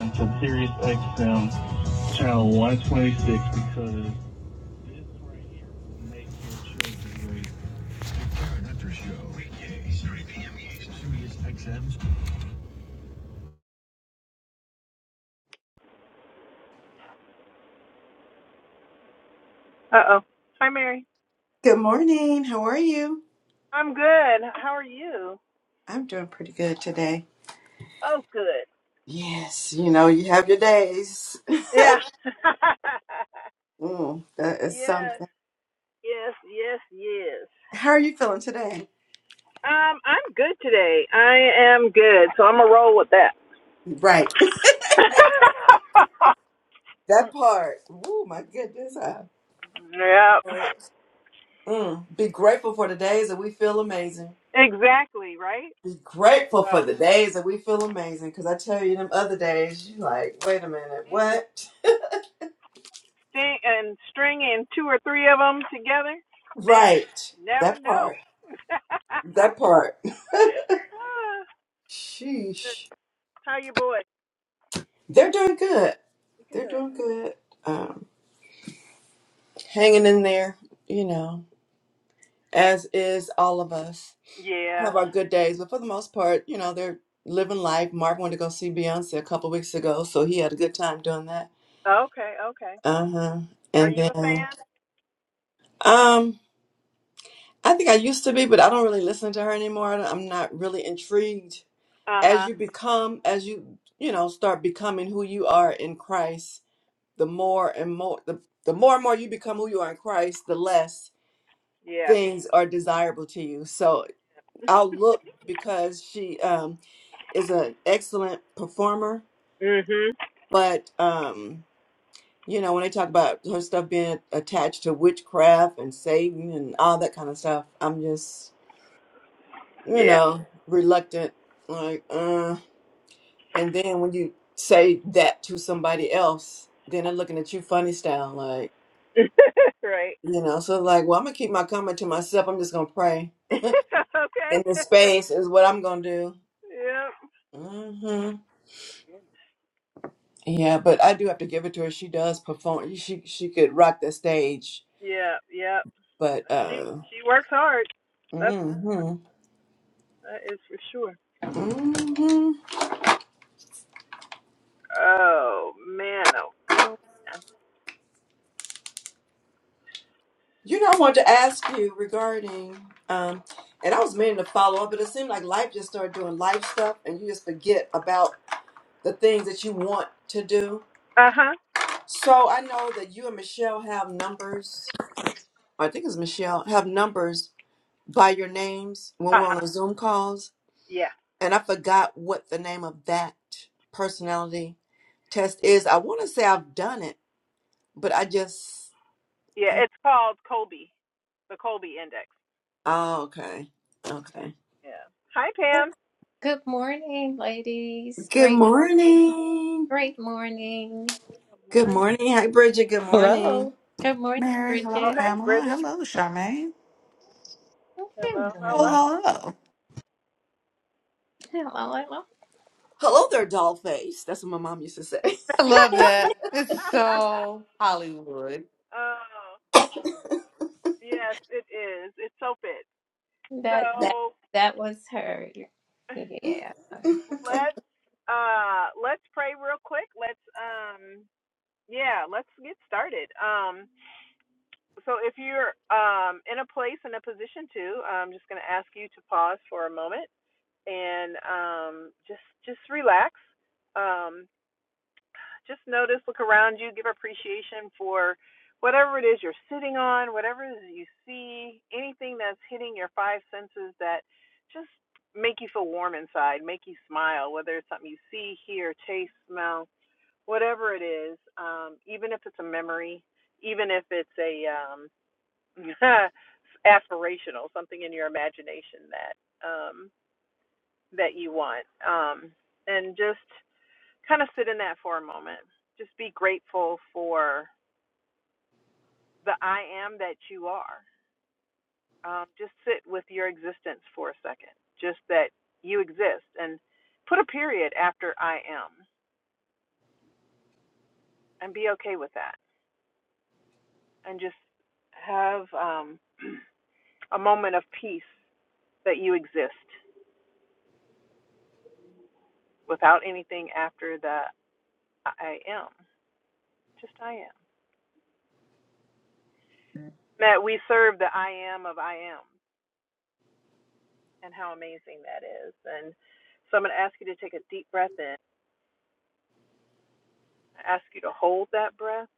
to Sirius XM channel 126 because this right here makes your children great. Karen Hunter Show, weekdays, 3 p.m. Eastern. Sirius XM. Uh oh. Hi, Mary. Good morning. How are you? I'm good. How are you? I'm doing pretty good today. Oh, good. Yes, you know, you have your days. Yeah. Mm, that is yes, something. yes, yes, yes. How are you feeling today? Um, I'm good today. I am good, so I'm gonna roll with that. Right. That part. Oh, my goodness. I, yep. mm, be grateful for the days that we feel amazing. Exactly. Right. Be grateful for the Oh. days that we feel amazing. Because I tell you, them other days, you like, wait a minute, Mm-hmm. what? sing and string in two or three of them together, man, Right. never That know. part. That part. Sheesh. How you boy? They're doing good. They're Good. doing good. Um. hanging in there, you know, as is all of us. yeah. Have our good days, but for the most part, you know, they're living life. Mark went to go see Beyonce a couple weeks ago, so he had a good time doing that. Okay, okay. Uh huh. Are And you a then, fan? um, I think I used to be, but I don't really listen to her anymore. I'm not really intrigued. Uh As huh. you become, as you you know, start becoming who you are in Christ, the more and more, the the more and more you become who you are in Christ, the less Yeah. things are desirable to you. So outlook because she um, is an excellent performer. Mhm. But um, you know, when they talk about her stuff being attached to witchcraft and Satan and all that kind of stuff, I'm just you Yeah. know reluctant. Like, uh. and then when you say that to somebody else, then they're looking at you funny style, like right. you know. So like, well, I'm gonna keep my comment to myself. I'm just gonna pray okay. in this space is what I'm gonna do. yep. Mm-hmm. Yeah, but I do have to give it to her. She does perform. She she could rock the stage. Yep. Yep. But She uh, she works hard. That's hmm hmm that is for sure. Oh man. Oh man. Uh you know, I wanted to ask you regarding um, and I was meaning to follow up, but it seemed like life just started doing life stuff, and you just forget about the things that you want to do. huh. Uh huh. So I know that you and Michelle have numbers. I think it's Michelle have numbers by your names when Uh we're huh. on a Zoom calls. Yeah. and I forgot what the name of that personality test is. I want to say I've done it, but I just. Yeah, uh, it's called Colby, the Colby Index. Oh, okay. Okay. Yeah. Hi, Pam. Good morning, ladies. Good Great morning. morning. Great morning. Good Good morning. morning. Hi, Bridget. Good morning. Hello. Good morning, Mary, hello, Oh, Bridget. hey, Pamela. Bridget. Hello, Charmaine. Hello, Good hello. morning. Oh, hello. Hello, hello. Hello there, doll face. That's what my mom used to say. I love that. It's so Hollywood. oh, yes, it is. It's so fit. That that So that was her. Yeah. let's uh let's pray real quick. Let's um yeah, let's get started. Um so if you're um in a place in a position to, I'm just gonna ask you to pause for a moment and um, just just relax. Um, just notice, look around you, give appreciation for whatever it is you're sitting on, whatever it is you see, anything that's hitting your five senses that just make you feel warm inside, make you smile, whether it's something you see, hear, taste, smell, whatever it is, um, even if it's a memory, even if it's a um, aspirational, something in your imagination that um, that you want. Um, and just kind of sit in that for a moment. Just be grateful for the I am that you are. Um, just sit with your existence for a second, just that you exist, and put a period after I am and be okay with that. And just have um, a moment of peace that you exist without anything after the I am. Just I am. That we serve the I am of I am. and how amazing that is. And so I'm going to ask you to take a deep breath in. I ask you to hold that breath,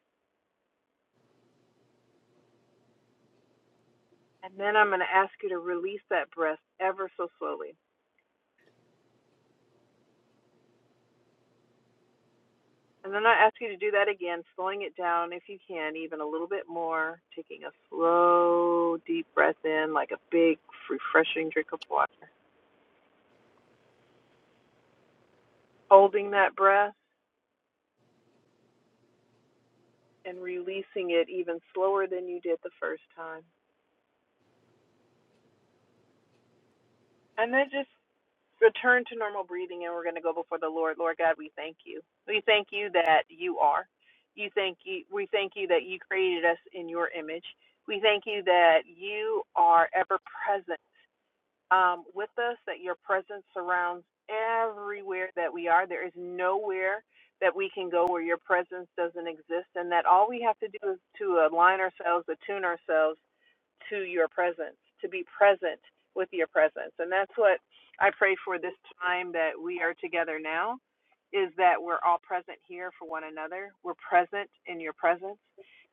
and then I'm going to ask you to release that breath ever so slowly. And then I ask you to do that again, slowing it down if you can, even a little bit more, taking a slow, deep breath in, like a big, refreshing drink of water. Holding that breath and releasing it even slower than you did the first time. And then just return to normal breathing and we're going to go before the Lord. Lord God, we thank you. We thank you that you are. You thank you we thank you that you created us in your image. We thank you that you are ever present um, with us, that your presence surrounds everywhere that we are. There is nowhere that we can go where your presence doesn't exist and that all we have to do is to align ourselves, attune ourselves to your presence, to be present with your presence. And that's what I pray for this time that we are together now is that we're all present here for one another. We're present in your presence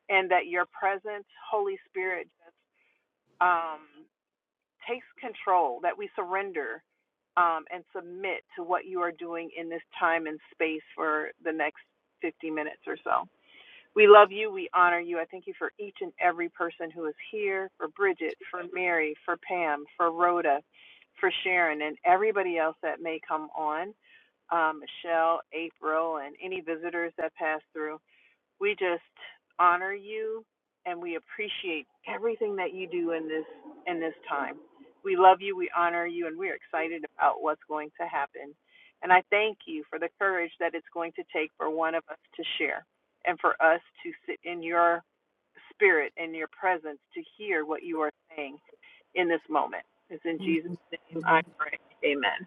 and that your presence, Holy Spirit, just um, takes control, that we surrender um, and submit to what you are doing in this time and space for the next 50 minutes or so. We love you. We honor you. I thank you for each and every person who is here for Bridget, for Mary, for Pam, for Rhoda, for Sharon, and everybody else that may come on um, Michelle, April, and any visitors that pass through. We just honor you and we appreciate everything that you do in this in this time. We love you, we honor you, and we're excited about what's going to happen. And I thank you for the courage that it's going to take for one of us to share and for us to sit in your spirit and your presence to hear what you are saying in this moment. It's in Jesus' name I pray. Amen.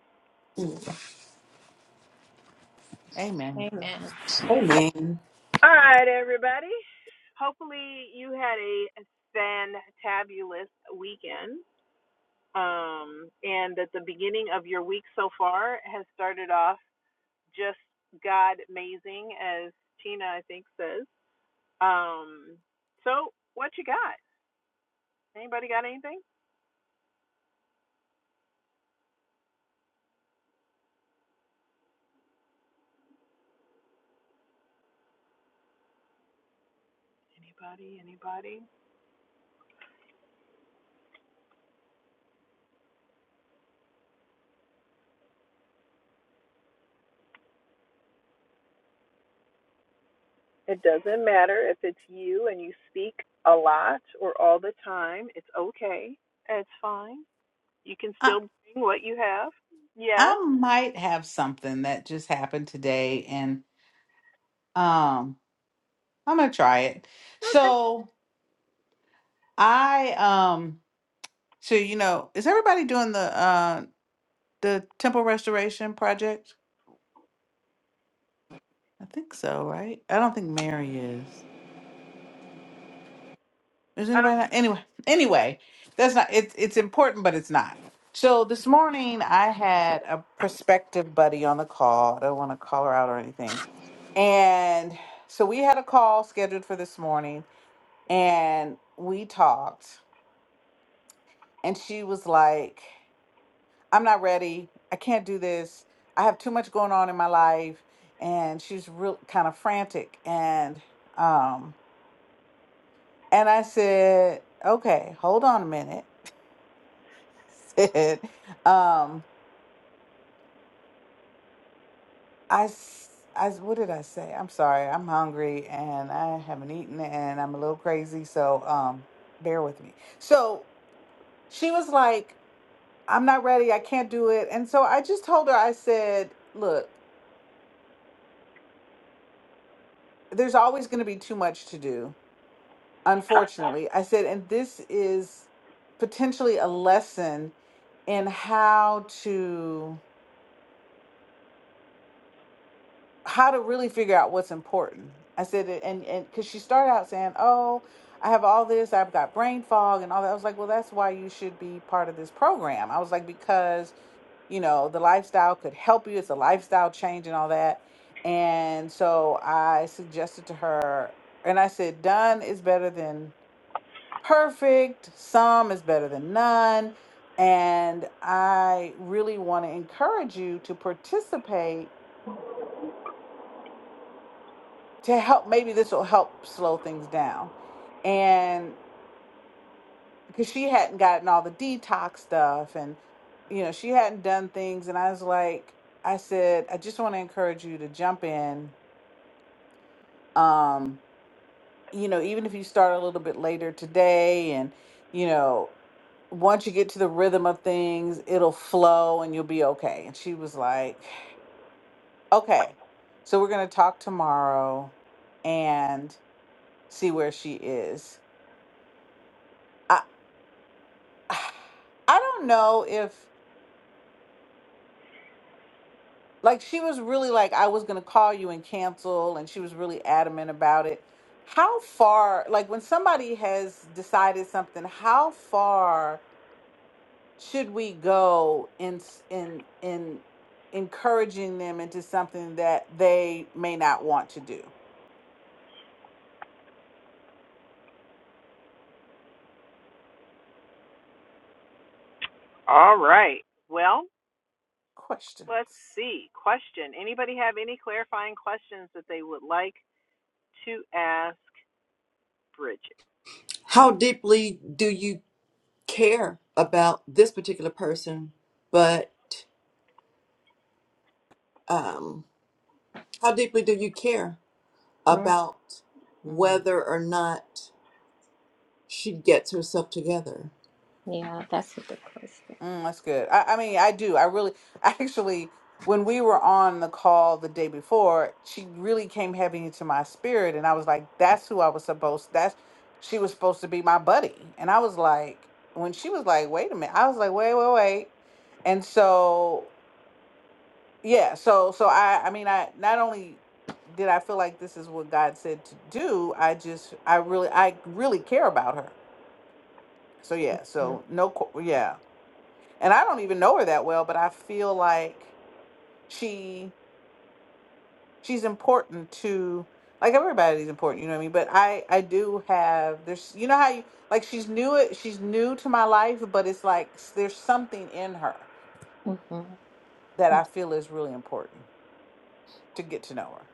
Amen. Amen. Hey, man. All right, everybody. Hopefully, you had a fantabulous weekend, um, and that the beginning of your week so far has started off just God amazing, as Tina I think says. Um, so, what you got? Anybody got anything? Anybody? Anybody? It doesn't matter if it's you and you speak a lot or all the time. It's okay. It's fine. You can I, still bring what you have. Yes. I might have something that just happened today and um I'm gonna try it. Okay. So I um so you know, is everybody doing the uh the temple restoration project? I think so, right? I don't think Mary is. Is I anybody don't- not? Anyway, anyway, that's not. It's it's important, but it's not. So this morning I had a prospective buddy on the call. I don't want to call her out or anything. And so we had a call scheduled for this morning, and we talked. And she was like, "I'm not ready. I can't do this. I have too much going on in my life." And she's real kind of frantic. And um, and I said, "Okay, hold on a minute." did. Um, I, s- I, s- what did I say? I'm sorry. I'm hungry and I haven't eaten and I'm a little crazy. So, um, bear with me. So she was like, I'm not ready. I can't do it. And so I just told her, I said, look, there's always going to be too much to do. Unfortunately, I said, and this is potentially a lesson in how to how to really figure out what's important. I said it, and and because she started out saying, "Oh, I have all this. I've got brain fog and all that." I was like, "Well, that's why you should be part of this program." I was like, "Because you know the lifestyle could help you. It's a lifestyle change and all that." And so I suggested to her, and I said, "Done is better than perfect. Some is better than none." And I really want to encourage you to participate to help maybe this will help slow things down and because she hadn't gotten all the detox stuff and you know she hadn't done things and i was like i said i just want to encourage you to jump in um you know even if you start a little bit later today and you know once you get to the rhythm of things it'll flow and you'll be okay and she was like okay so we're going to talk tomorrow and see where she is I, I don't know if like she was really like I was going to call you and cancel and she was really adamant about it. How far like when somebody has decided something, how far should we go in s- in in encouraging them into something that they may not want to do? All right. Well, let's Questions. see. Question. Anybody have any clarifying questions that they would like to ask Bridget? How deeply do you care about this particular person? But um, how deeply do you care? Mm, about Mm. whether or not she gets herself together. Yeah, that's a good question. Mm, that's good. I, I mean, I do. I really, I actually, when we were on the call the day before, she really came heavy into my spirit, and I was like, "That's who I was supposed. That's she was supposed to be my buddy." And I was like, when she was like, "Wait a minute," I was like, "Wait, wait, wait." And so, yeah, so, so I, I mean, I not only did I feel like this is what God said to do, I just, I really, I really care about her. So yeah, so no, qu- yeah and I don't even know her that well, but I feel like she she's important to like everybody's important, you know what I mean? But I I do have there's you know how you like she's new it she's new to my life, but it's like s- there's something in her Mm-hmm. that I feel is really important to get to know her.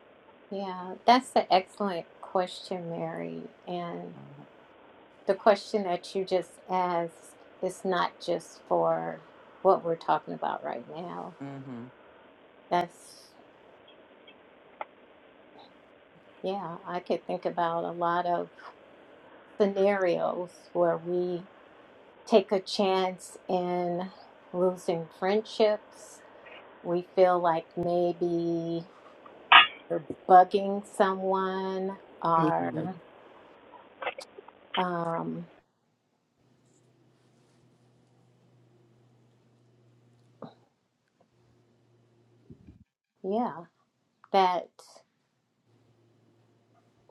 Yeah, that's an excellent question, Mary. And Mm-hmm. the question that you just asked is not just for what we're talking about right now. Mm-hmm. That's Yeah, I could think about a lot of scenarios where we take a chance in losing friendships. We feel like maybe we're bugging someone, or, Mm-hmm. um, yeah, that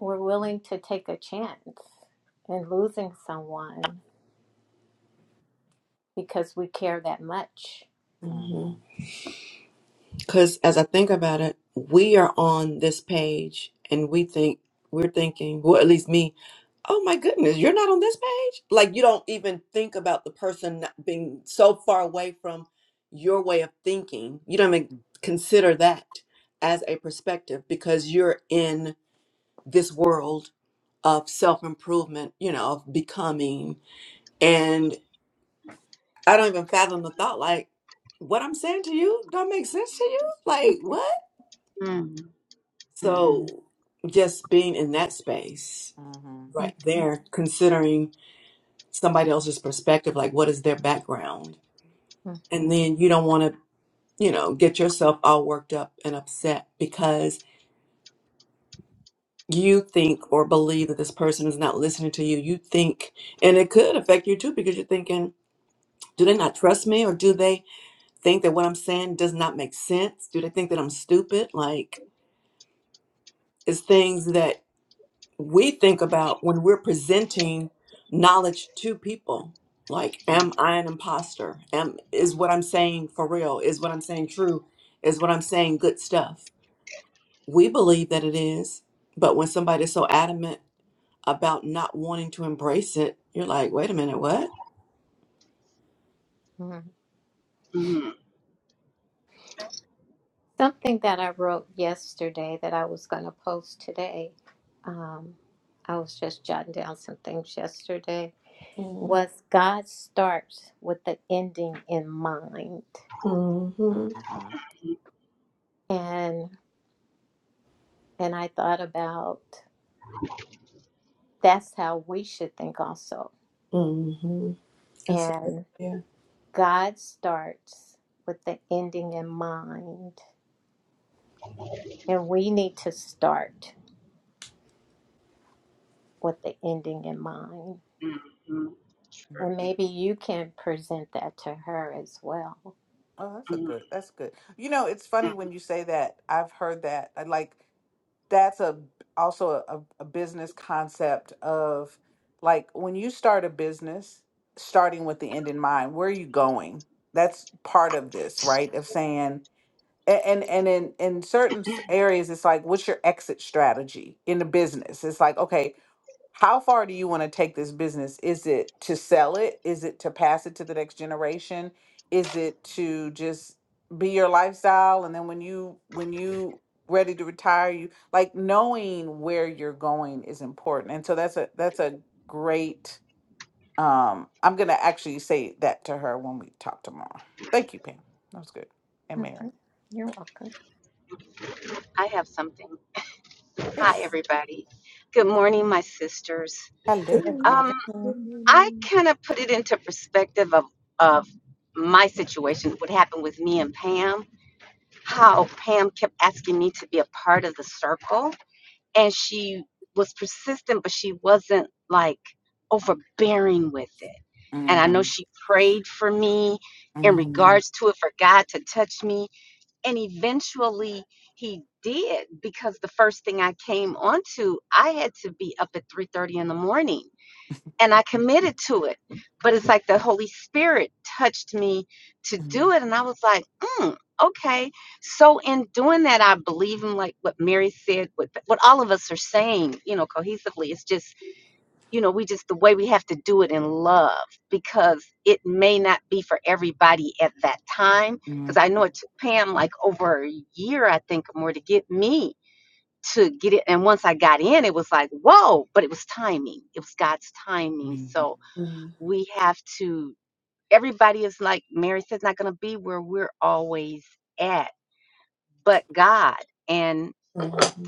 we're willing to take a chance in losing someone because we care that much. Mm-hmm. Because as I think about it, we are on this page and we think, we're thinking, well, at least me, oh my goodness, you're not on this page? Like, you don't even think about the person not being so far away from your way of thinking. You don't even consider that as a perspective because you're in this world of self improvement, you know, of becoming. I don't even fathom the thought. Like, what I'm saying to you don't make sense to you? Like, what? Mm, mm, mm, So, just being in that space Mm-hmm. right there, considering somebody else's perspective, like, what is their background? And then you don't want to, you know, get yourself all worked up and upset because you think or believe that this person is not listening to you. You think, and it could affect you too because you're thinking, do they not trust me or do they think that what I'm saying does not make sense? Do they think that I'm stupid? Like, is things that we think about when we're presenting knowledge to people like Mm-hmm. am i an imposter am is what i'm saying for real is what i'm saying true is what i'm saying good stuff we believe that it is but when somebody's so adamant about not wanting to embrace it you're like wait a minute what hmm mm, Something that I wrote yesterday that I was going to post today, um, I was just jotting down some things yesterday, mm was God starts with the ending in mind. mhm Mm-hmm. Mm-hmm. And and I thought about that's how we should think also. mhm that's a- good, And yeah God starts with the ending in mind. And we need to start with the ending in mind. mm, And maybe you can present that to her as well. Oh, that's a mm, good. That's good. You know, it's mm. funny when you say that. I've heard that. I like. that's a also a, a business concept of like when you start a business starting with the end in mind where are you going that's part of this right of saying a- and and in in certain s- areas it's like what's your exit strategy in the business it's like okay how far do you want to take this business? Is it to sell it? Is it to pass it to the next generation? Is it to just be your lifestyle and then when you when you ready to retire, you like knowing where you're going is important. And so that's a that's a great um I'm going to actually say that to her when we talk tomorrow. Thank you, Pam. That was good. And hmm Mary. You're welcome. I have something. Hi, Yes. everybody. Good morning, my sisters. Good Hello. Um, Good morning. I morning. kind of put it into perspective of, of my situation, what happened with me and Pam, how Pam kept asking me to be a part of the circle. And she was persistent, but she wasn't like overbearing with it. And I know Mhm. she prayed for me in Mhm. regards to it for God to touch me and eventually he did because the first thing i came onto i had to be up at 3.30 in the morning and i committed to it but it's like the holy spirit touched me to do Mhm. it and i was like mm, okay so in doing that i believe in like what mary said what, what all of us are saying you know cohesively it's just you know, we just the way we have to do it in love because it may not be for everybody at that time. Mhm. Because I know it took Pam like over a year, I think, or more to get me to get it. And once I got in, it was like, whoa, but it was timing. It was God's timing. So Mhm. we have to, everybody is like Mary says, not going to be where we're always at, but God. and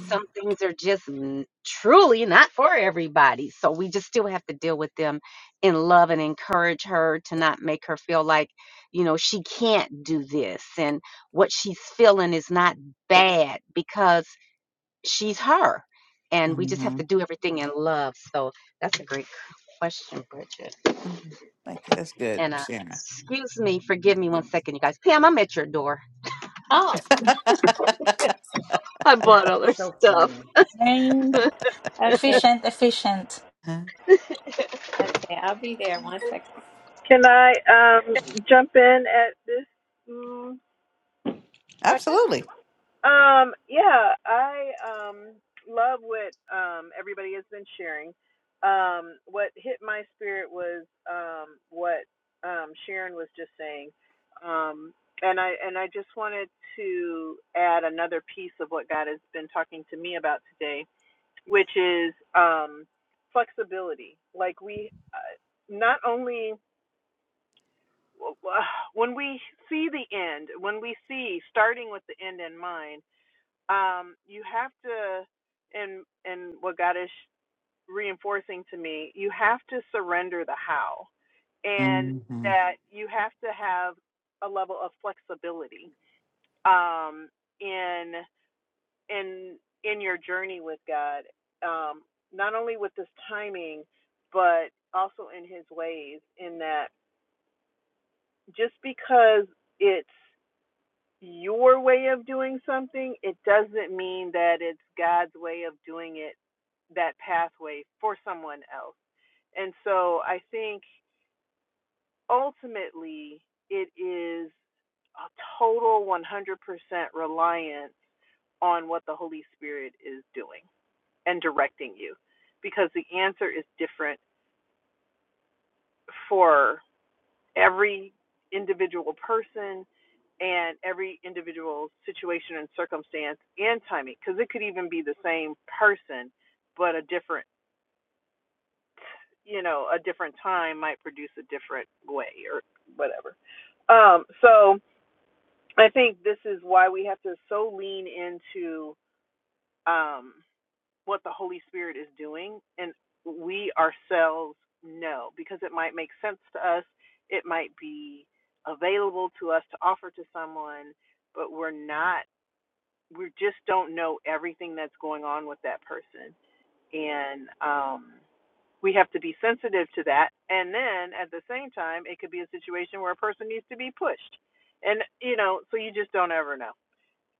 some things are just n- truly not for everybody. So we just still have to deal with them in love and encourage her to not make her feel like, you know, she can't do this and what she's feeling is not bad because she's her. And we just Mhm. have to do everything in love. So that's a great question, Bridget. Mhm. Thank you. That's good, And uh, Sharon. excuse me, forgive me one second, you guys. Pam, I'm at your door. Oh, I bought other So stuff. funny. this morning. Very okay. efficient, efficient. Huh? Okay. I'll be there one second. Can I um, jump in at this mm, second? Absolutely. Um, yeah, I um love what um everybody has been sharing. Um, what hit my spirit was um what um Sharon was just saying. Um and I and I just wanted to add another piece of what God has been talking to me about today, which is um flexibility. Like we uh, not only when we see the end, when we see starting with the end in mind, um, you have to, and and what God is reinforcing to me, you have to surrender the how, and hmm that you have to have a level of flexibility um, in in in your journey with God, um, not only with His timing, but also in His ways. In that, just because it's your way of doing something, it doesn't mean that it's God's way of doing it, that pathway for someone else. And so I think ultimately it is a total 100% reliance on what the Holy Spirit is doing and directing you because the answer is different for. every individual person and every individual situation and circumstance and timing because it could even be the same person but a different you know a different time might produce a different way or whatever um so i think this is why we have to so lean into um what the Holy Spirit is doing, and we ourselves know because it might make sense to us, it might be available to us to offer to someone, but we're not, we just don't know everything that's going on with that person. And um, we have to be sensitive to that. And then at the same time, it could be a situation where a person needs to be pushed. And, you know, so you just don't ever know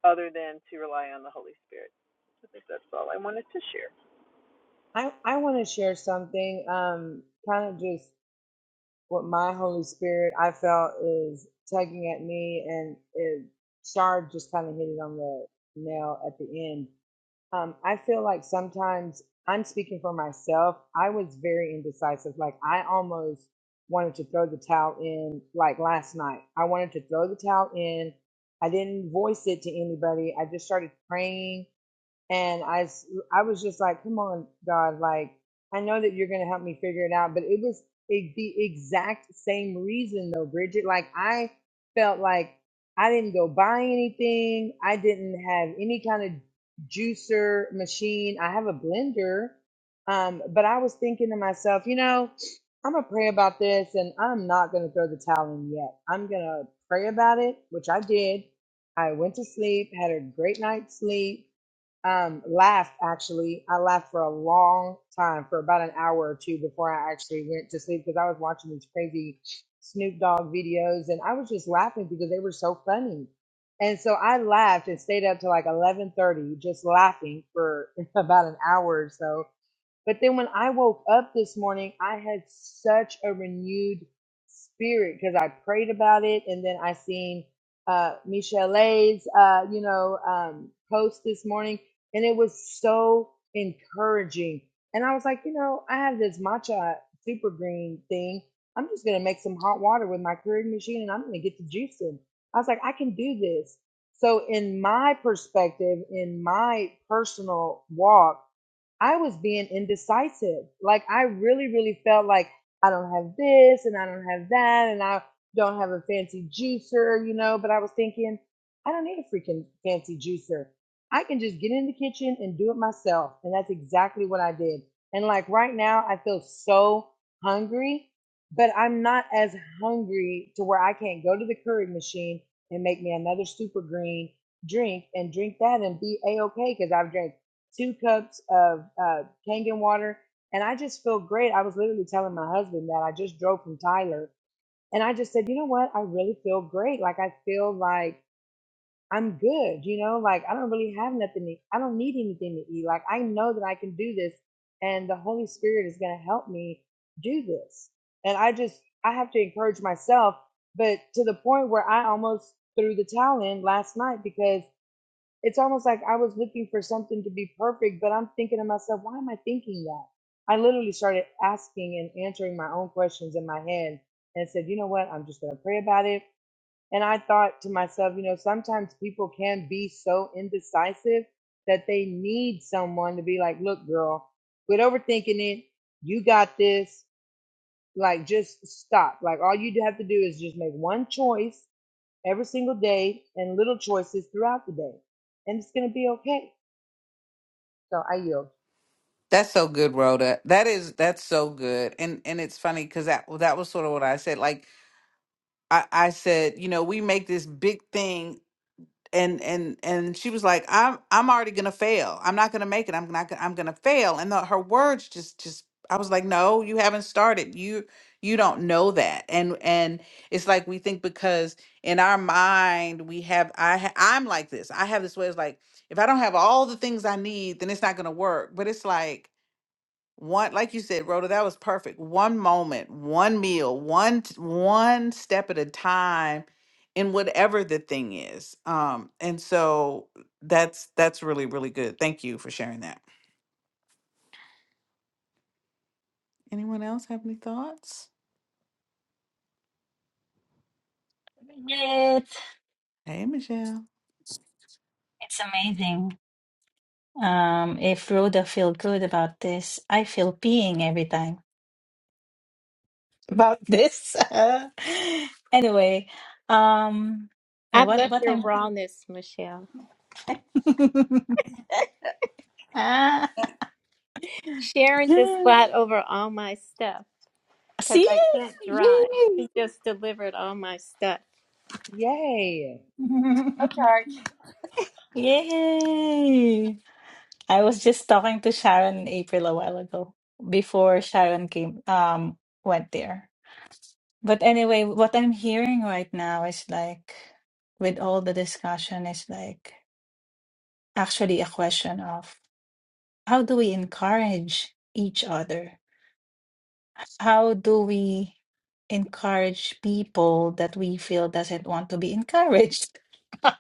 other than to rely on the Holy Spirit. I think that's all I wanted to share. I, I want to share something, um, kind of just what my Holy Spirit I felt is tugging at me, and it, Shar just kind of hit it on the nail at the end. Um, I feel like sometimes I'm speaking for myself. I was very indecisive. Like I almost wanted to throw the towel in. Like last night, I wanted to throw the towel in. I didn't voice it to anybody. I just started praying and I s- I was just like, come on, God, like I know that you're gonna help me figure it out, but it was it, the exact same reason though, Bridget. Like I felt like I didn't go buy anything. I didn't have any kind of juicer machine. I have a blender, um, but I was thinking to myself, you know, I'm gonna pray about this, and I'm not gonna throw the towel in yet. I'm gonna pray about it, which I did. I went to sleep, had a great night's sleep um, laughed actually. I laughed for a long time, for about an hour or two before I actually went to sleep because I was watching these crazy Snoop Dogg videos and I was just laughing because they were so funny. And so I laughed and stayed up to like eleven thirty, just laughing for about an hour or so. But then when I woke up this morning, I had such a renewed spirit because I prayed about it, and then I seen uh, Michelle's, uh, you know, um, post this morning, and it was so encouraging. And I was like, you know, I have this matcha super green thing. I'm just gonna make some hot water with my Keurig machine, and I'm gonna get the juice in. I was like, I can do this. So, in my perspective, in my personal walk I was being indecisive. Like I really, really felt like I don't have this and I don't have that and I don't have a fancy juicer, you know, but I was thinking, I don't need a freaking fancy juicer. I can just get in the kitchen and do it myself. And that's exactly what I did. And like right now I feel so hungry, but I'm not as hungry to where I can't go to the Keurig machine and make me another super green drink and drink that and be a okay because I've drank two cups of uh, Kangen water, and I just feel great. I was literally telling my husband that I just drove from Tyler, and I just said, you know what? I really feel great. Like I feel like I'm good. You know, like I don't really have nothing. To eat. I don't need anything to eat. Like I know that I can do this, and the Holy Spirit is going to help me do this. And I just I have to encourage myself, but to the point where I almost threw the towel in last night because it's almost like I was looking for something to be perfect, but I'm thinking to myself, why am I thinking that? I literally started asking and answering my own questions in my head and said, you know what? I'm just going to pray about it. And I thought to myself, you know, sometimes people can be so indecisive that they need someone to be like, look, girl, quit overthinking it. You got this. Like, just stop. Like, all you have to do is just make one choice every single day and little choices throughout the day. And it's going to be okay so I yield. That's so good, Rhoda. That is that's so good, and and it's funny because that that was sort of what I said. Like I I said, you know, we make this big thing. and and and she was like i'm i'm already gonna fail i'm not gonna make it i'm not gonna i'm gonna fail and the, her words just just i was like no you haven't started you you don't know that and and it's like we think because in our mind we have i ha- i'm like this i have this way it's like if i don't have all the things i need then it's not gonna work but it's like one, like you said, Rhoda, that was perfect. One moment, one meal, one t- one step at a time, in whatever the thing is. Um, and so that's that's really really good. Thank you for sharing that. Anyone else have any thoughts? Yet Hey, Michelle. it's amazing. Um, if Rhoda feel good about this, I feel peeing every time about this. anyway, um, I what love what your I'm rawness, Michelle. ah, Sharon just got over all my stuff because see I can't drive. yay She just delivered all my stuff. Yay. yay! I was just talking to Sharon in April a while ago before Sharon came um went there. But anyway, what I'm hearing right now is like, with all the discussion, is like actually a question of how do we encourage each other? How do we encourage people that we feel doesn't want to be encouraged? and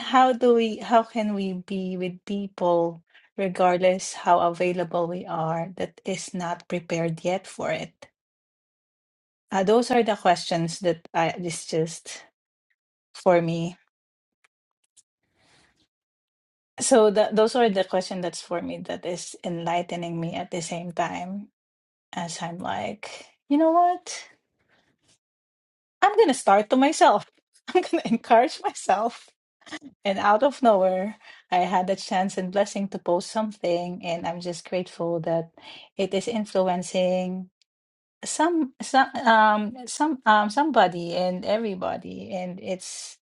how do we, how can we be with people regardless how available we are that is not prepared yet for it? Uh, those are the questions that I, it's just for me So tha those are the question that's for me that is enlightening me at the same time as I'm like, you know what? I'm gonna start to myself. I'm gonna encourage myself. And out of nowhere, I had a chance and blessing to post something, and I'm just grateful that it is influencing some some um some um somebody and everybody. And it's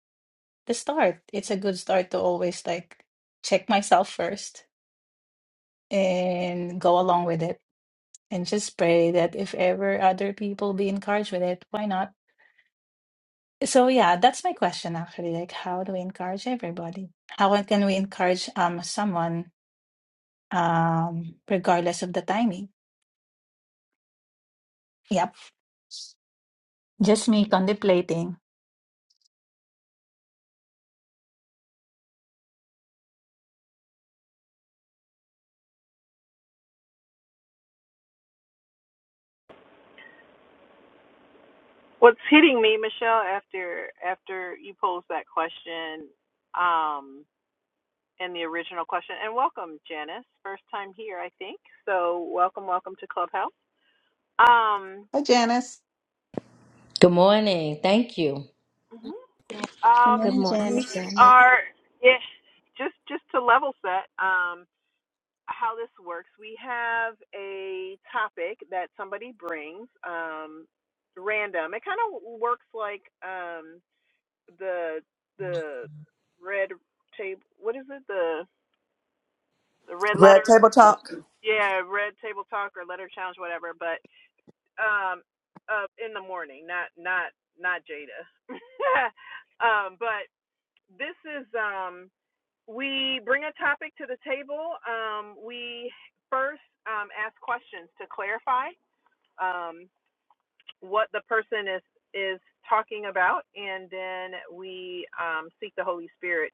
the start. It's a good start to always like check myself first and go along with it and just pray that if ever other people be encouraged with it, why not? So yeah, that's my question actually. Like, how do we encourage everybody? How can we encourage um someone um regardless of the timing? Yep, just me contemplating. What's hitting me, Michelle, after after you posed that question, um, and the original question, and welcome, Janice, first time here, I think. So welcome, welcome to Clubhouse. Um, Hi, Janice. Good morning. Thank you. mhm. Okay. Good um, Good morning, morning, we Janice. Janice. are, yeah, just just to level set, um, how this works. We have a topic that somebody brings, um, random. It kind of works like, um the the red table what is it the the red Red letter Table Talk. yeah red table talk or letter challenge whatever but um uh in the morning not not not jada um but this is um we bring a topic to the table um we first um ask questions to clarify Um. what the person is is talking about, and then we um, seek the Holy Spirit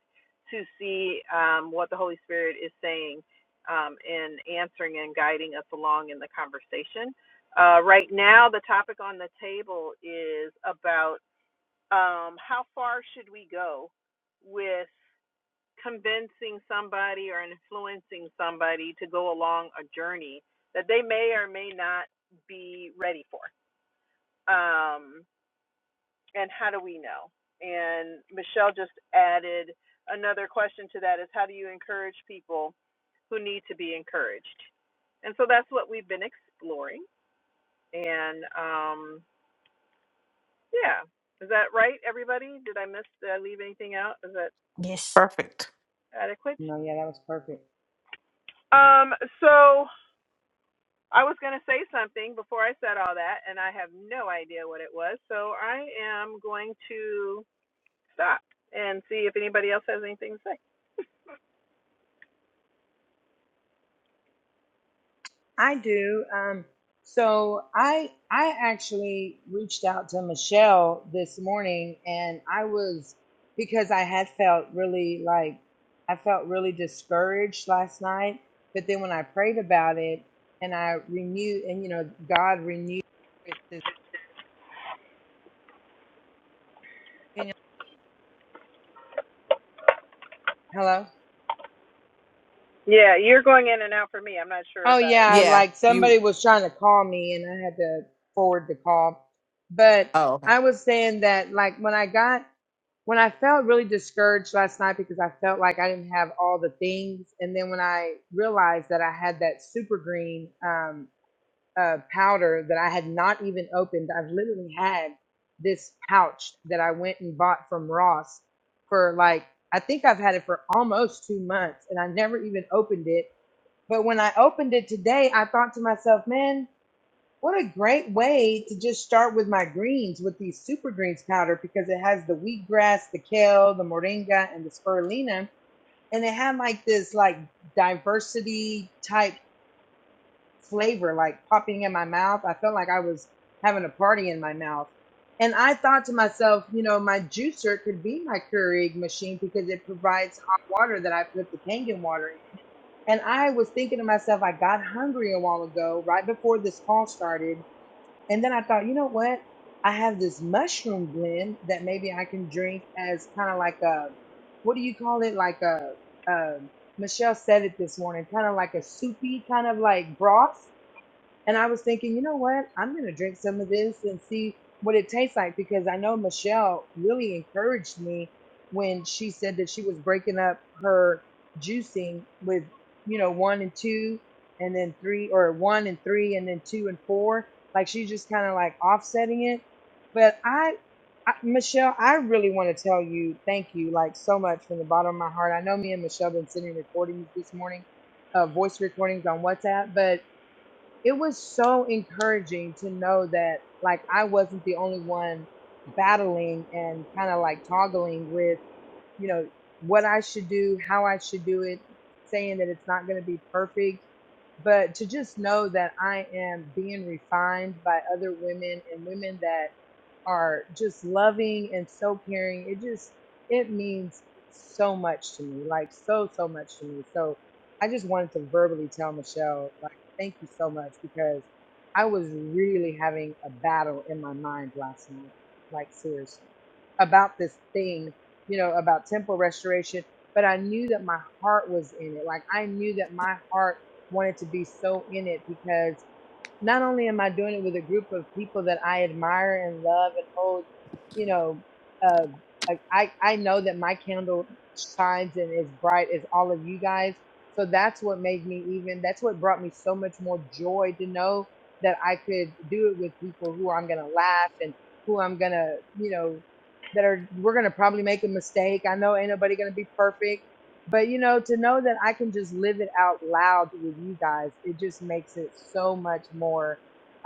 to see um, what the Holy Spirit is saying um, in answering and guiding us along in the conversation. Uh, right now, the topic on the table is about um, how far should we go with convincing somebody or influencing somebody to go along a journey that they may or may not be ready for. Um, and how do we know? And Michelle just added another question to that is how do you encourage people who need to be encouraged? And so that's what we've been exploring. And um, yeah, is that right, everybody? Did I miss? Did I leave anything out? Is that Yes, Perfect. adequate? No, yeah, that was perfect. Um, so I was going to say something before I said all that, and I have no idea what it was. So I am going to stop and see if anybody else has anything to say. I do. Um, so I I actually reached out to Michelle this morning and I was because I had felt really like I felt really discouraged last night. But then when I prayed about it and I renewed and you know, God renewed this hello? Yeah, you're going in and out for me. I'm not sure Oh about yeah, everybody Yeah, like you. somebody was trying to call me and I had to forward the call. But Oh, okay. I was saying that like when I got when I felt really discouraged last night because I felt like I didn't have all the things and then when I realized that I had that super green um uh powder that I had not even opened, I've literally had this pouch that I went and bought from Ross for like I think I've had it for almost 2 months and I never even opened it but when I opened it today, I thought to myself, man, what a great way to just start with my greens with these super greens powder because it has the wheatgrass, the kale, the moringa, and the spirulina. And it had like this like diversity type flavor like popping in my mouth. I felt like I was having a party in my mouth. And I thought to myself, you know, my juicer could be my Keurig machine because it provides hot water that I put the Kangen water and I was thinking to myself, I got hungry a while ago, right before this call started. And then I thought, you know what? I have this mushroom blend that maybe I can drink as kind of like a, what do you call it? Like a, um Michelle said it this morning, kind of like a soupy kind of like broth. And I was thinking, you know what? I'm going to drink some of this and see what it tastes like because I know Michelle really encouraged me when she said that she was breaking up her juicing with, you know, one and two and then three or one and three and then two and four. Like she's just kind of like offsetting it. But I, I, Michelle, I really want to tell you thank you like so much from the bottom of my heart. I know me and Michelle been sitting recordings this morning, uh, voice recordings on WhatsApp, but it was so encouraging to know that like I wasn't the only one battling and kind of like toggling with, you know, what I should do, how I should do it, saying that it's not going to be perfect, but to just know that I am being refined by other women and women that are just loving and so caring. It just it means so much to me, like so so much to me. So I just wanted to verbally tell Michelle, like, thank you so much because I was really having a battle in my mind last night, like seriously, about this thing, you know, about temple restoration. But I knew that my heart was in it. Like I knew that my heart wanted to be so in it because not only am I doing it with a group of people that I admire and love and hold, you know, uh, like I, I know that my candle shines and is bright as all of you guys. So that's what made me even, that's what brought me so much more joy to know that I could do it with people who I'm going to laugh and who I'm going to, you know, that are, we're going to probably make a mistake. I know ain't nobody going to be perfect but you know to know that i can just live it out loud with you guys it just makes it so much more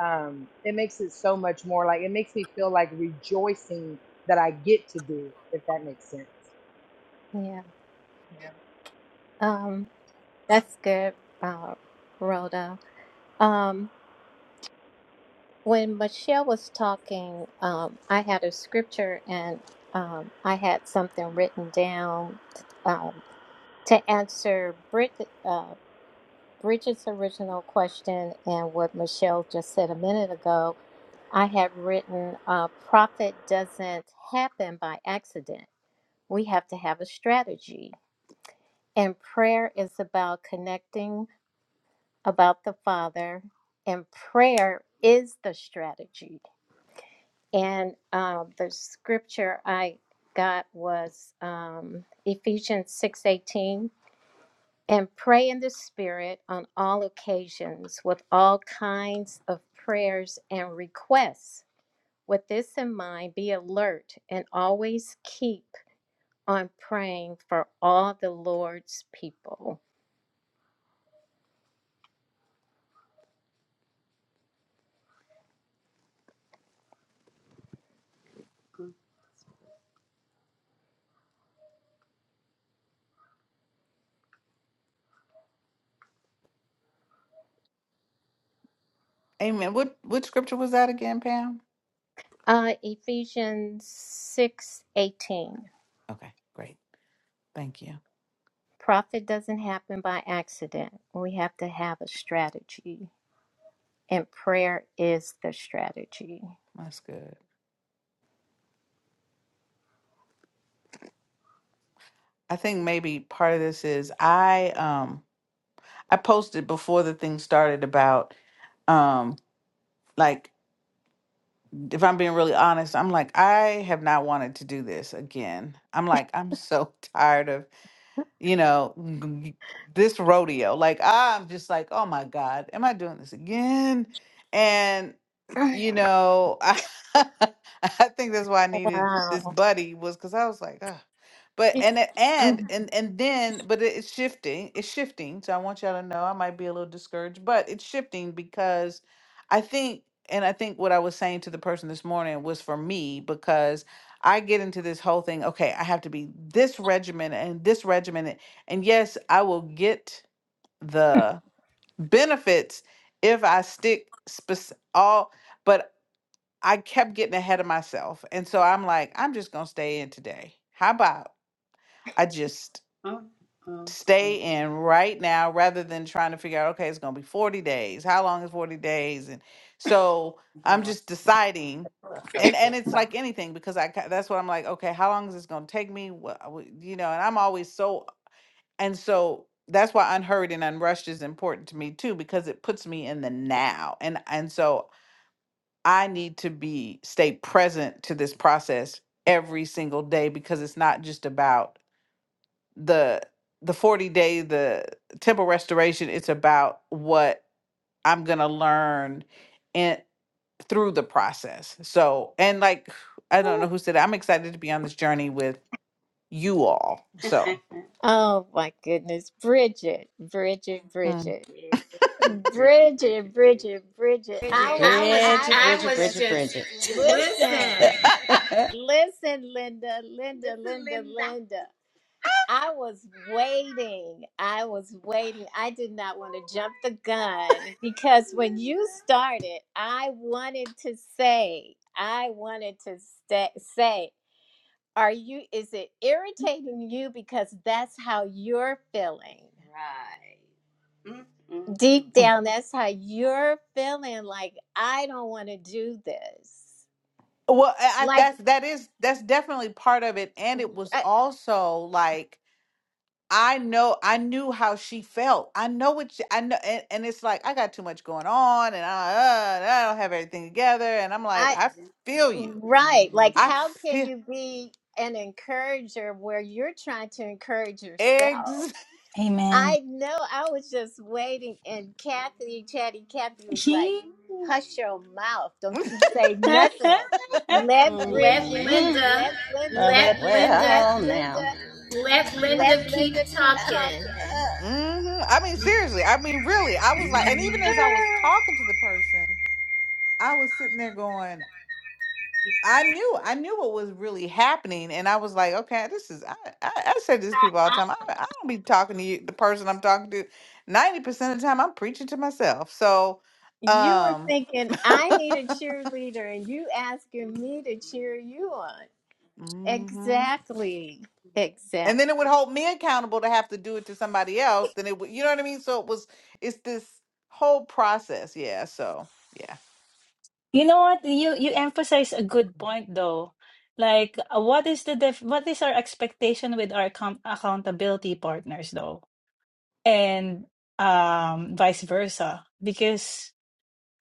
um it makes it so much more like it makes me feel like rejoicing that i get to do it if that makes sense Yeah. else. Yeah. Um, that's good, uh, Rhoda. Um, when Michelle was talking, um, I had a scripture and um, I had something written down to answer Brit, uh, Bridget's original question and what Michelle just said a minute ago, I have written uh, profit doesn't happen by accident. We have to have a strategy. And prayer is about connecting about the Father, and prayer is the strategy. And um, the scripture I got was um, Ephesians six eighteen and pray in the Spirit on all occasions with all kinds of prayers and requests. With this in mind, be alert and always keep on praying for all the Lord's people. Amen. What what scripture was that again, Pam? Uh, Ephesians six eighteen. 18. Okay, great. Thank you. Profit doesn't happen by accident. We have to have a strategy, and prayer is the strategy. That's good. I think maybe part of this is I um I posted before the thing started about um like if I'm being really honest, I'm like I have not wanted to do this again. I'm like I'm so tired of you know, g- this rodeo. Like I'm just like, oh my God, am I doing this again? And you know, I I think that's why I needed this wow. buddy was because I was like, ah. But and it- and and and then, but it- it's shifting. It's shifting. So I want y'all to know I might be a little discouraged, but it's shifting because I think, and I think what I was saying to the person this morning was for me because. I get into this whole thing, okay, I have to be this regimen and this regimen. And yes, I will get the benefits if I stick spec- all, but I kept getting ahead of myself. And so I'm like, I'm just going to stay in today. How about I just stay in right now rather than trying to figure out okay it's going to be 40 days how long is 40 days and so i'm just deciding and and it's like anything because i ca- that's what i'm like okay how long is this going to take me what you know and i'm always so and so that's why unhurried and unrushed is important to me too because it puts me in the now and and so i need to be stay present to this process every single day because it's not just about the the 40 day the temple restoration it's about what i'm gonna learn and through the process so and like i don't know who said it, i'm excited to be on this journey with you all so Oh my goodness. Bridget, Bridget, mm. Bridget. Bridget, Bridget, Bridget, I Bridget. was Bridget, I I was was Bridget, I Bridget, was just Bridget, just Bridget. listen, listen. Ah, listen, Linda, Linda, Linda, Linda. Linda. I was waiting. I was waiting. I did not want to jump the gun because when you started, I wanted to say, I wanted to sta say. Are you is it irritating you because that's how you're feeling? Mm, mm, Deep down that's how you're feeling like I don't want to do this. well I, I- Like that's that is that's definitely part of it and it was I, also like i know i knew how she felt i know what she, i know and, and it's like i got too much going on and I, uh, I don't have everything together and i'm like I i feel you Right. Like, I how can feel you be an encourager where you're trying to encourage yourself? eggs. Amen. I know. I was just waiting, and Kathy, Chatty Kathy, was like, "Hush your mouth! Don't you say nothing. Let Let Mhm. Bridget, Linda, let Love Linda, it. let let well, Linda, Well, Linda, now. let Linda let hmm keep Linda keep talking. talking." I mean, seriously. I mean, really. I was like, and even as I was Ah. talking to the person, I was sitting there going, I knew, I knew what was really happening, and I was like, okay, this is. I, I, I say this to people all the time. I, I don't be talking to you, the person I'm talking to. Ninety percent of the time, I'm preaching to myself. So, You were um, thinking I need a cheerleader, and you asking me to cheer you on. Exactly. Exact. and then it would hold me accountable to have to do it to somebody else then it would you know what i mean so it was it's this whole process yeah so yeah You know what? You you emphasize a good point though. Like, uh, what is the def what is our expectation with our account accountability partners though? and um, vice versa because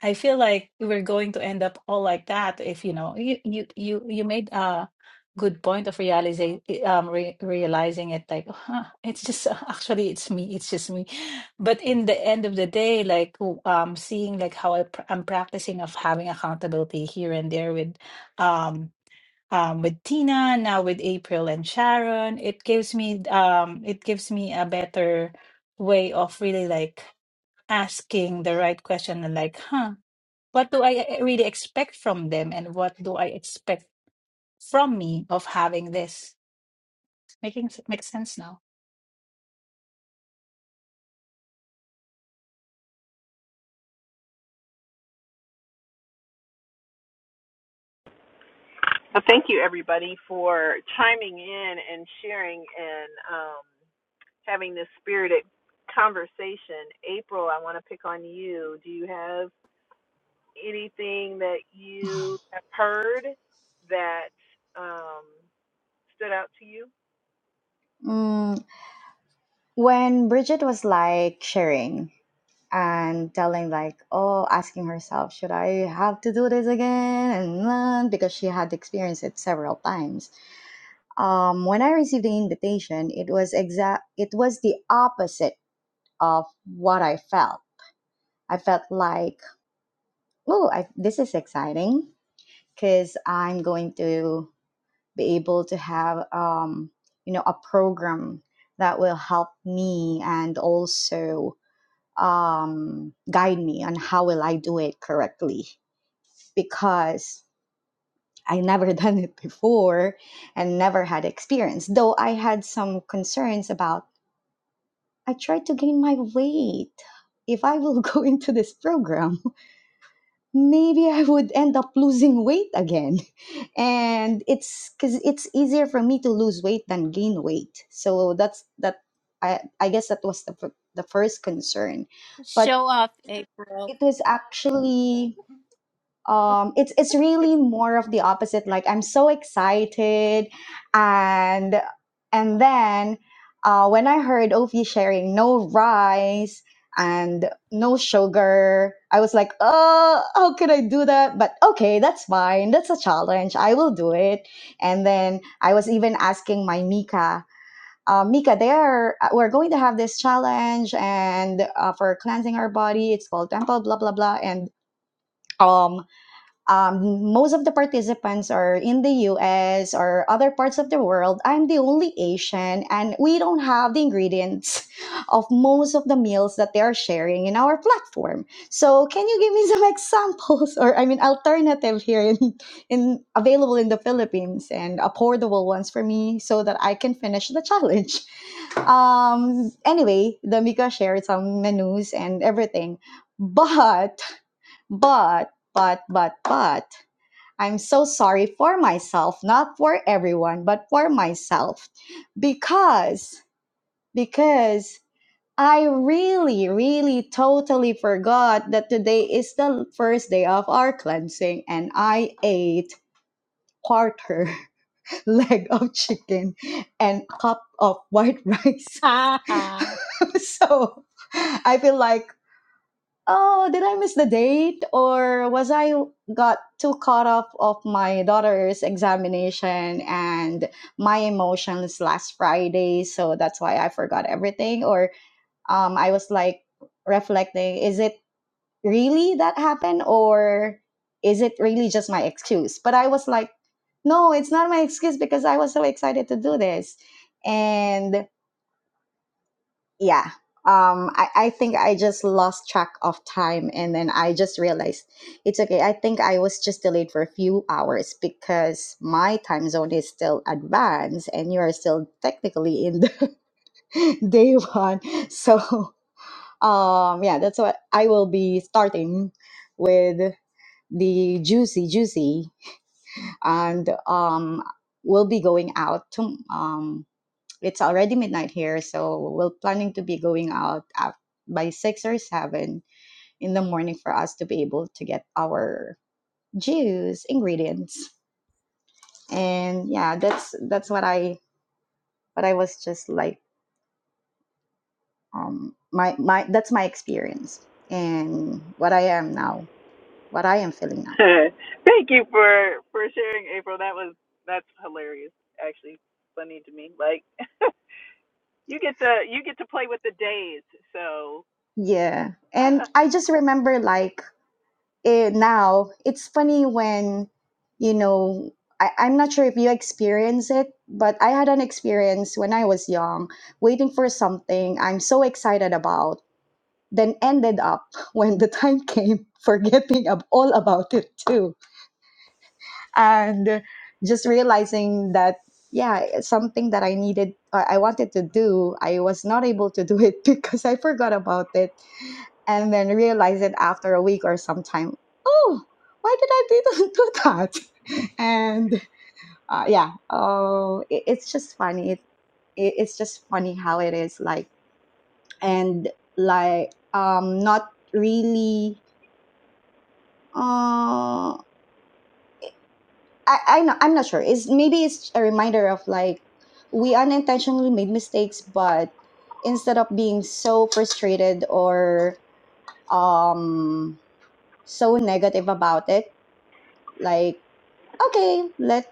I feel like we're going to end up all like that if you know you you you, you made a good point of realizing um re- realizing it like "Oh, huh, it's just uh, actually it's me it's just me but in the end of the day like um seeing like how I pr- I'm practicing of having accountability here and there with um um, with Tina, now with April and Sharon. It gives me um, it gives me a better way of really like asking the right question and like, huh, what do I really expect from them, and what do I expect from me of having this? Making s- makes sense now. Well, thank you everybody for chiming in and sharing and um, having this spirited conversation. April, I want to pick on you. Do you have anything that you have heard that um, stood out to you? Mm, when Bridget was like sharing and telling like, oh, asking herself, should I have to do this again? And uh, because she had experienced it several times. Um, when I received the invitation, it was exact. It was the opposite of what I felt. I felt like, oh, I, this is exciting because I'm going to be able to have, um, you know, a program that will help me and also um, guide me on how will I do it correctly because I never done it before and never had experience. Though I had some concerns about I tried to gain my weight. If I will go into this program, maybe I would end up losing weight again. And it's cuz it's easier for me to lose weight than gain weight. So that's that I I guess that was the the first concern. But Show off, April. it was actually um it's it's really more of the opposite like i'm so excited and and then uh when i heard ovi sharing no rice and no sugar i was like oh how could i do that but okay that's fine that's a challenge i will do it and then i was even asking my mika uh, mika they are uh, we're going to have this challenge and uh, for cleansing our body it's called temple blah blah blah and um um, most of the participants are in the US or other parts of the world. I'm the only Asian, and we don't have the ingredients of most of the meals that they are sharing in our platform. So, can you give me some examples, or I mean, alternative here in, in available in the Philippines and affordable ones for me, so that I can finish the challenge? Um. Anyway, the Mika shared some menus and everything, but but but but but I'm so sorry for myself, not for everyone, but for myself because because I really really totally forgot that today is the first day of our cleansing and I ate quarter leg of chicken and cup of white rice. so I feel like oh, did I miss the date? Or was I got too caught up of my daughter's examination and my emotions last Friday? So that's why I forgot everything. Or um, I was like reflecting, is it really that happened? Or is it really just my excuse? But I was like, no, it's not my excuse because I was so excited to do this. And yeah um I, I think i just lost track of time and then i just realized it's okay i think i was just delayed for a few hours because my time zone is still advanced and you are still technically in the day one so um yeah that's what i will be starting with the juicy juicy and um we'll be going out to, um it's already midnight here, so we're planning to be going out at, by six or seven in the morning for us to be able to get our juice ingredients. And yeah, that's that's what I what I was just like um my my that's my experience and what I am now, what I am feeling now. Thank you for for sharing, April. That was that's hilarious. Actually, funny to me. Like you get to you get to play with the days. So Yeah. And I just remember like it, now it's funny when you know I, i'm not sure if you experience it but i had an experience when i was young waiting for something i'm so excited about then ended up when the time came forgetting ab- all about it too and just realizing that yeah it's something that i needed i I wanted to do i was not able to do it because i forgot about it and then realize it after a week or sometime oh why did i do, do that and uh, yeah oh it, it's just funny it, it, it's just funny how it is like and like um not really uh i i know i'm not sure it's maybe it's a reminder of like we unintentionally made mistakes but instead of being so frustrated or um so negative about it like okay let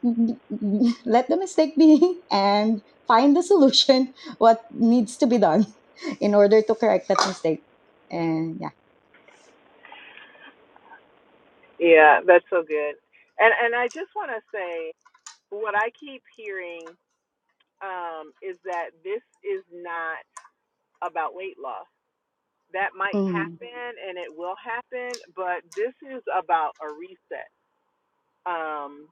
let the mistake be and find the solution what needs to be done in order to correct that mistake and yeah yeah, that's so good. And and I just want to say what I keep hearing um, is that this is not about weight loss. That might mm, happen and it will happen, but this is about a reset. Um,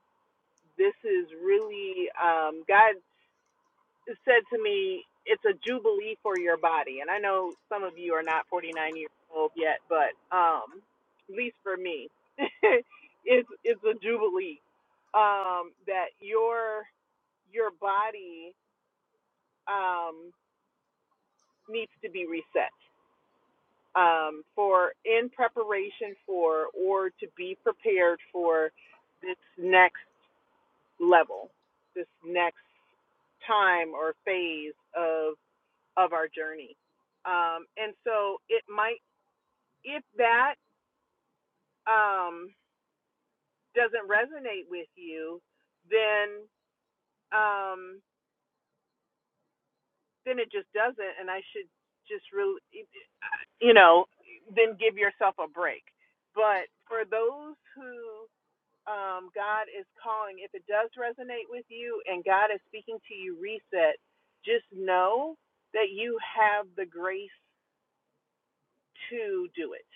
this is really um, God. said to me, "It's a jubilee for your body." And I know some of you are not 49 years old yet, but um, at least for me, it's it's a jubilee um, that your your body um, needs to be reset um, for in preparation for or to be prepared for this next level, this next time or phase of. of our journey. Um, and so it might, if that um, doesn't resonate with you, then um, then it just doesn't. And I should just really, you know, then give yourself a break. But for those who um, God is calling, if it does resonate with you and God is speaking to you, reset. Just know that you have the grace to do it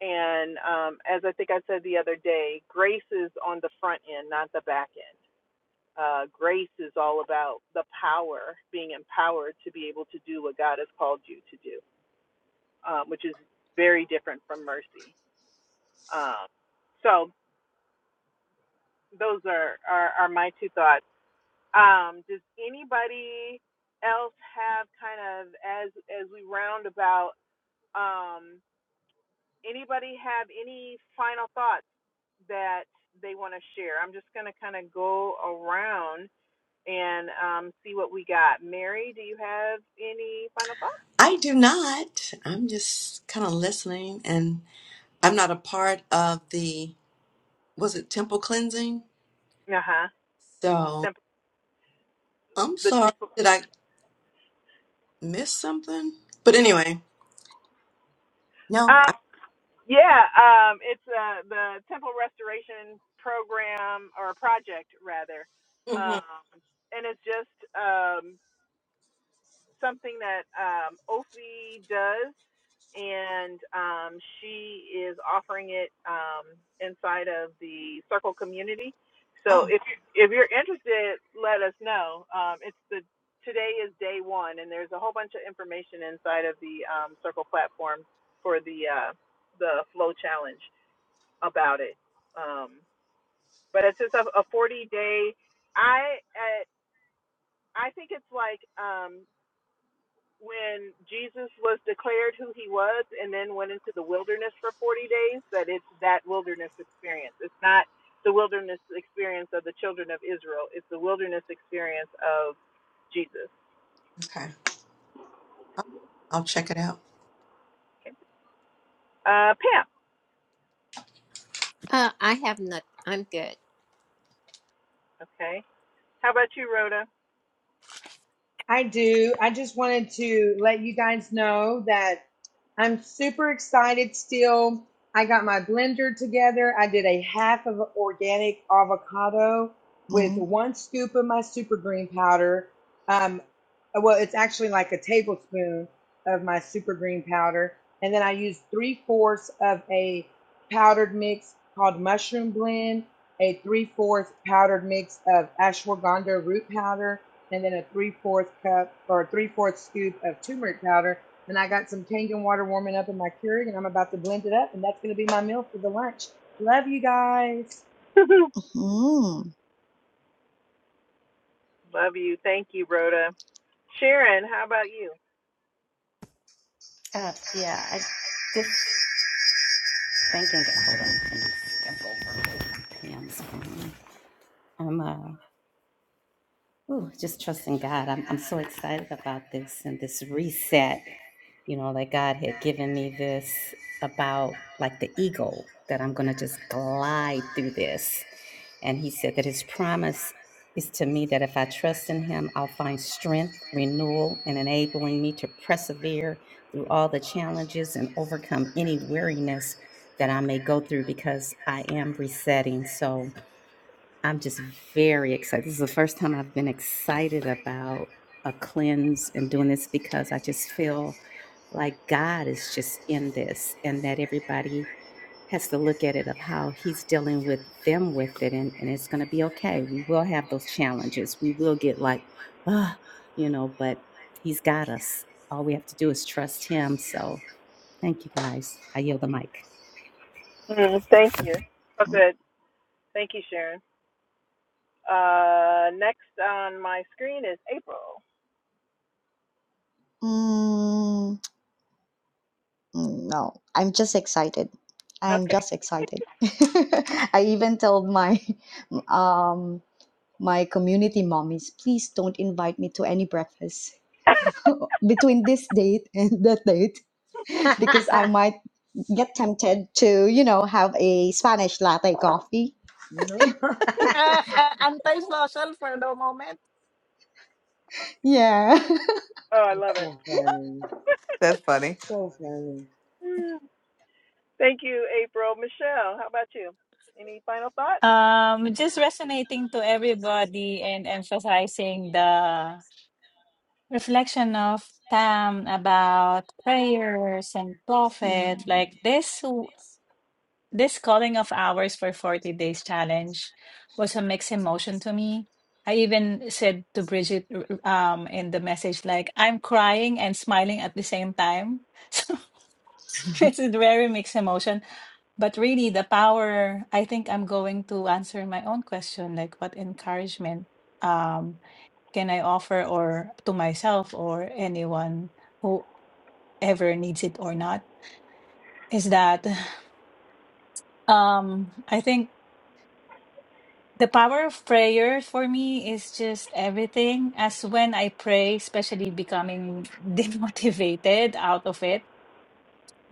And um, as I think I said the other day, grace is on the front end, not the back end. Uh, grace is all about the power, being empowered to be able to do what God has called you to do, um, which is very different from mercy. Um, so those are, are, are my two thoughts. Um, does anybody else have kind of as as we round about um, anybody have any final thoughts? that they want to share. I'm just going to kind of go around and um, see what we got. Mary, do you have any final thoughts? I do not. I'm just kind of listening, and I'm not a part of the, was it temple cleansing? Uh huh. So Temple, I'm the, sorry. Did I miss something? But anyway, no. I, uh, yeah, um, it's uh, the temple restoration program or project rather, hmm um, and it's just um, something that um, Ofi does. and um, she is offering it um, inside of the Circle community. So oh, if you if you're interested, let us know. Um, it's the today is day one, and there's a whole bunch of information inside of the um, Circle platform for the uh, the Flow Challenge about it. Um, but it's just a, a 40 day. I uh, I think it's like. Um, when Jesus was declared who he was and then went into the wilderness for 40 days, that it's that wilderness experience. It's not the wilderness experience of the children of Israel, it's the wilderness experience of Jesus. okay. I'll check it out. Okay. Uh, Pam, Uh, I have nothing. I'm good. okay. How about you, Rhoda? I do. I just wanted to let you guys know that I'm super excited still. I got my blender together. I did a half of organic avocado with Mm, one scoop of my super green powder. Um, well, it's actually like a tablespoon of my super green powder. And then I used three fourths of a powdered mix called mushroom blend, a three fourths powdered mix of ashwagandha root powder, and then a three fourth cup or three fourth scoop of turmeric powder. And I got some Kangen water warming up in my Keurig, and I'm about to blend it up, and that's going to be my meal for the lunch. Love you guys. mm, Love you. Thank you, Rhoda. Sharon, how about you? Uh, yeah, I just thinking. Hold on, I'm gonna step over Pam's phone. I'm uh, ooh, just trusting God. I'm I'm so excited about this and this reset. you know, that God had given me this about like the eagle, that I'm going to just glide through this. And he said that his promise is to me that if I trust in him, I'll find strength, renewal, and enabling me to persevere through all the challenges and overcome any weariness that I may go through because I am resetting. So, I'm just very excited. This is the first time I've been excited about a cleanse and doing this because I just feel like God is just in this and that everybody has to look at it of how he's dealing with them with it and, and it's going to be okay. We will have those challenges. We will get like, ah, you know, but he's got us. All we have to do is trust him. So thank you guys. I yield the mic. Mm, thank you. Oh, mm, good. Thank you, Sharon. Uh, next on my screen is April. mm. No, I'm just excited. I'm Okay. just excited. I even told my um my community mommies, please don't invite me to any breakfast between this date and that date because I might get tempted to, you know, have a Spanish latte coffee. Anti-social for the moment. Yeah. Oh, I it's love it. so funny. that's funny So funny. Mm. Thank you, April. Michelle, how about you? Any final thoughts? Um, just resonating to everybody and emphasizing the reflection of Tam about prayers and Mm. prophet, like this w- this calling of hours for 40 days challenge was a mixed emotion to me. I even said to Bridget r- r- um, in the message, like, I'm crying and smiling at the same time. So it's a very mixed emotion. But really, the power, I think I'm going to answer my own question, like, what encouragement? Um can I offer or to myself or anyone who ever needs it or not is that um I think the power of prayer for me is just everything as when I pray especially becoming demotivated out of it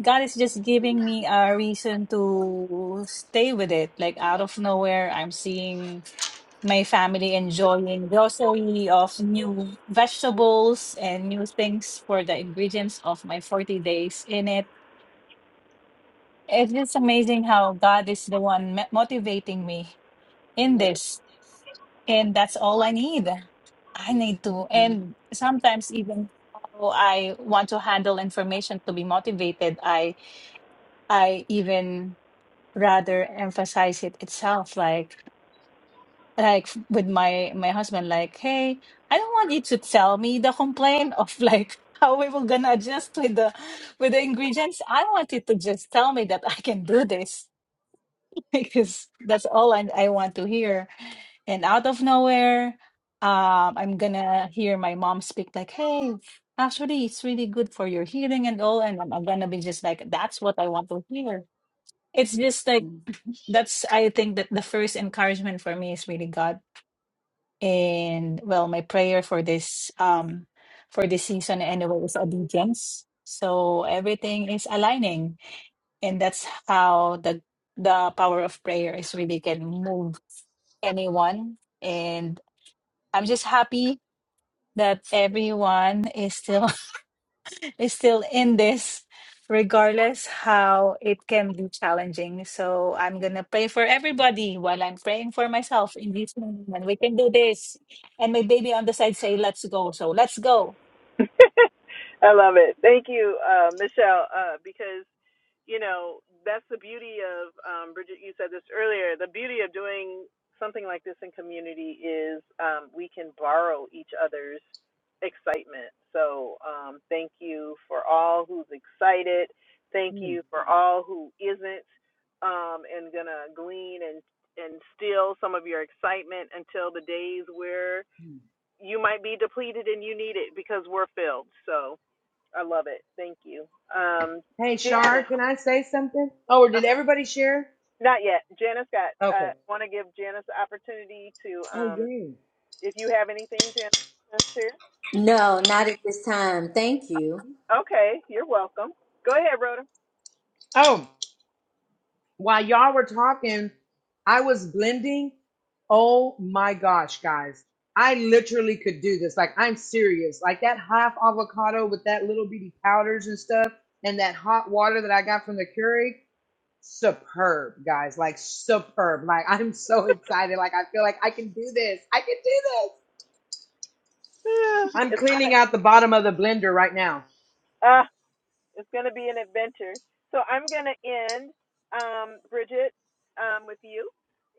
God is just giving me a reason to stay with it like out of nowhere I'm seeing my family enjoying grocery of new vegetables and new things for the ingredients of my 40 days in it. It's just amazing how God is the one mo- motivating me in this. And that's all I need. I need to. And sometimes even how I want to handle information to be motivated, I I even rather emphasize it itself. Like like f- with my my husband like hey i don't want you to tell me the complaint of like how we were gonna adjust with the with the ingredients i want you to just tell me that i can do this because that's all i, I want to hear and out of nowhere um i'm gonna hear my mom speak like hey actually it's really good for your hearing and all and i'm, I'm gonna be just like that's what i want to hear it's just like that's i think that the first encouragement for me is really god and well, my prayer for this um for this season anyway is obedience. So everything is aligning, and that's how the the power of prayer is really can move anyone. And I'm just happy that everyone is still is still in this, regardless how it can be challenging. So I'm going to pray for everybody while I'm praying for myself in this moment. We can do this. And my baby on the side say, let's go. So let's go. I love it. Thank you, uh, Michelle, uh, because you know that's the beauty of um, Bridget. You said this earlier. The beauty of doing something like this in community is um, we can borrow each other's excitement. So um, thank you for all who's excited. Thank Hmm, you for all who isn't um, and gonna glean and and steal some of your excitement until the days where hmm. you might be depleted and you need it because we're filled. So I love it. Thank you. Um, Hey, Shar, Janice, can I say something? Oh, or uh did everybody share? not yet. Janice got, Okay. I uh, want to give Janice the opportunity to, Oh, um, yay. if you have anything, Janice, to share. No, not at this time. Thank you. Okay, you're welcome. Go ahead, Rhoda. Oh. While y'all were talking, I was blending. Oh my gosh, guys. I literally could do this. Like, I'm serious. Like, that half avocado with that little bitty powders and stuff, and that hot water that I got from the Keurig, superb, guys. Like, superb. Like, I'm so excited. Like, I feel like I can do this. I can do this. Yeah, I'm it's kind cleaning of, out the bottom of the blender right now. uh, It's going to be an adventure. So I'm going to end, um, Bridget, um, with you.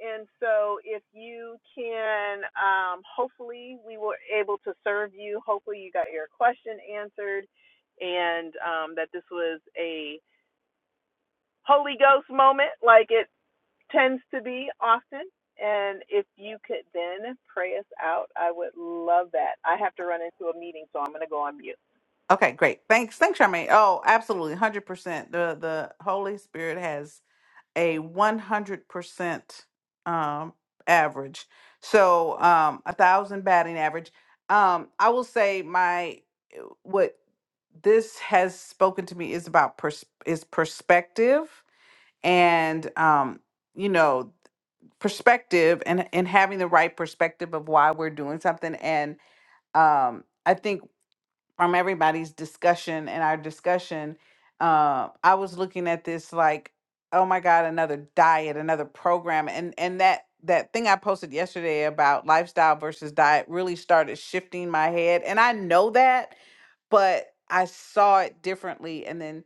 And so if you can, um, hopefully we were able to serve you. Hopefully you got your question answered and um, that this was a Holy Ghost moment like it tends to be often. And if you could then pray us out, I would love that. I have to run into a meeting, so I'm going to go on mute. okay great thanks thanks charmaine oh absolutely 100% the the holy spirit has a 100% um average so um a thousand batting average um i will say my what this has spoken to me is about pers- is perspective and um, you know perspective and and having the right perspective of why we're doing something and um, i think from everybody's discussion and our discussion uh, i was looking at this like oh my god another diet another program and and that that thing i posted yesterday about lifestyle versus diet really started shifting my head and i know that but i saw it differently and then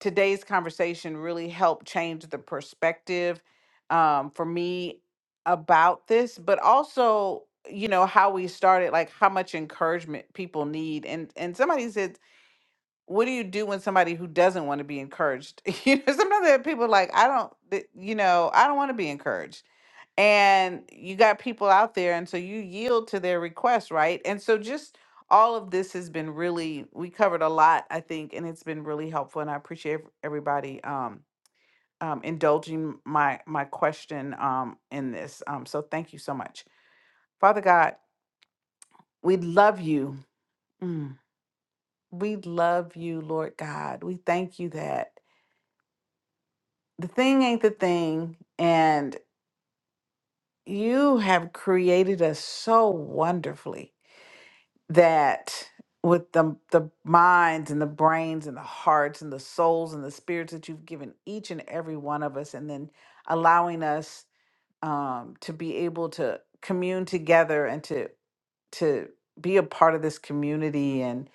today's conversation really helped change the perspective um, for me about this, but also, you know, how we started, like how much encouragement people need. And and somebody said, "What do you do when somebody who doesn't want to be encouraged?" You know, sometimes there are people like, "I don't, th- you know, I don't want to be encouraged." and you got people out there and so you yield to their request right and so just all of this has been really we covered a lot i think and it's been really helpful and i appreciate everybody um, um indulging my my question um in this um so thank you so much father god we love you Mm. we love you lord god we thank you that the thing ain't the thing and you have created us so wonderfully that with the the minds and the brains and the hearts and the souls and the spirits that you've given each and every one of us and then allowing us um to be able to commune together and to to be a part of this community and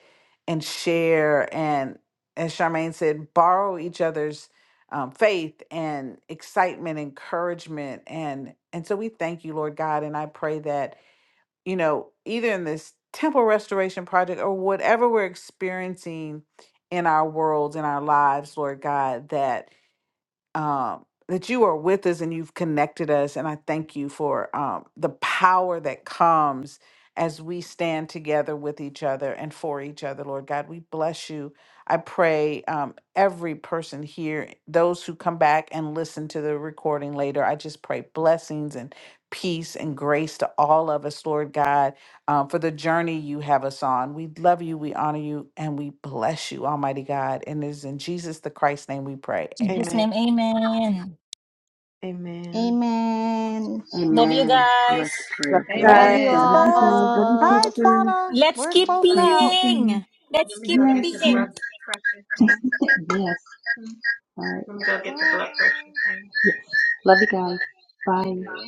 and share and as Charmaine said borrow each other's um, faith and excitement encouragement and and so we thank you Lord God and I pray that you know, either in this temple restoration project or whatever we're experiencing in our worlds, in our lives, Lord God, that um, that you are with us and you've connected us. And I thank you for um, the power that comes as we stand together with each other and for each other, Lord God. We bless you. I pray um, every person here, those who come back and listen to the recording later, I just pray blessings and peace and grace to all of us, Lord God, um, for the journey you have us on. We love you, we honor you, and we bless you, Almighty God. And it is in Jesus the Christ's name we pray. In his Amen. Amen. name, amen. Amen. Amen. Love you guys. I Let's love Right. you do Love Amen. you guys. Love you, Hi, all. sister. Twana. Let's We're keep Talk closing to you out. soon. being. Let's keep Yes, yes, being. yes. All right. We'll go get the book. Hi. Love you guys. Love you.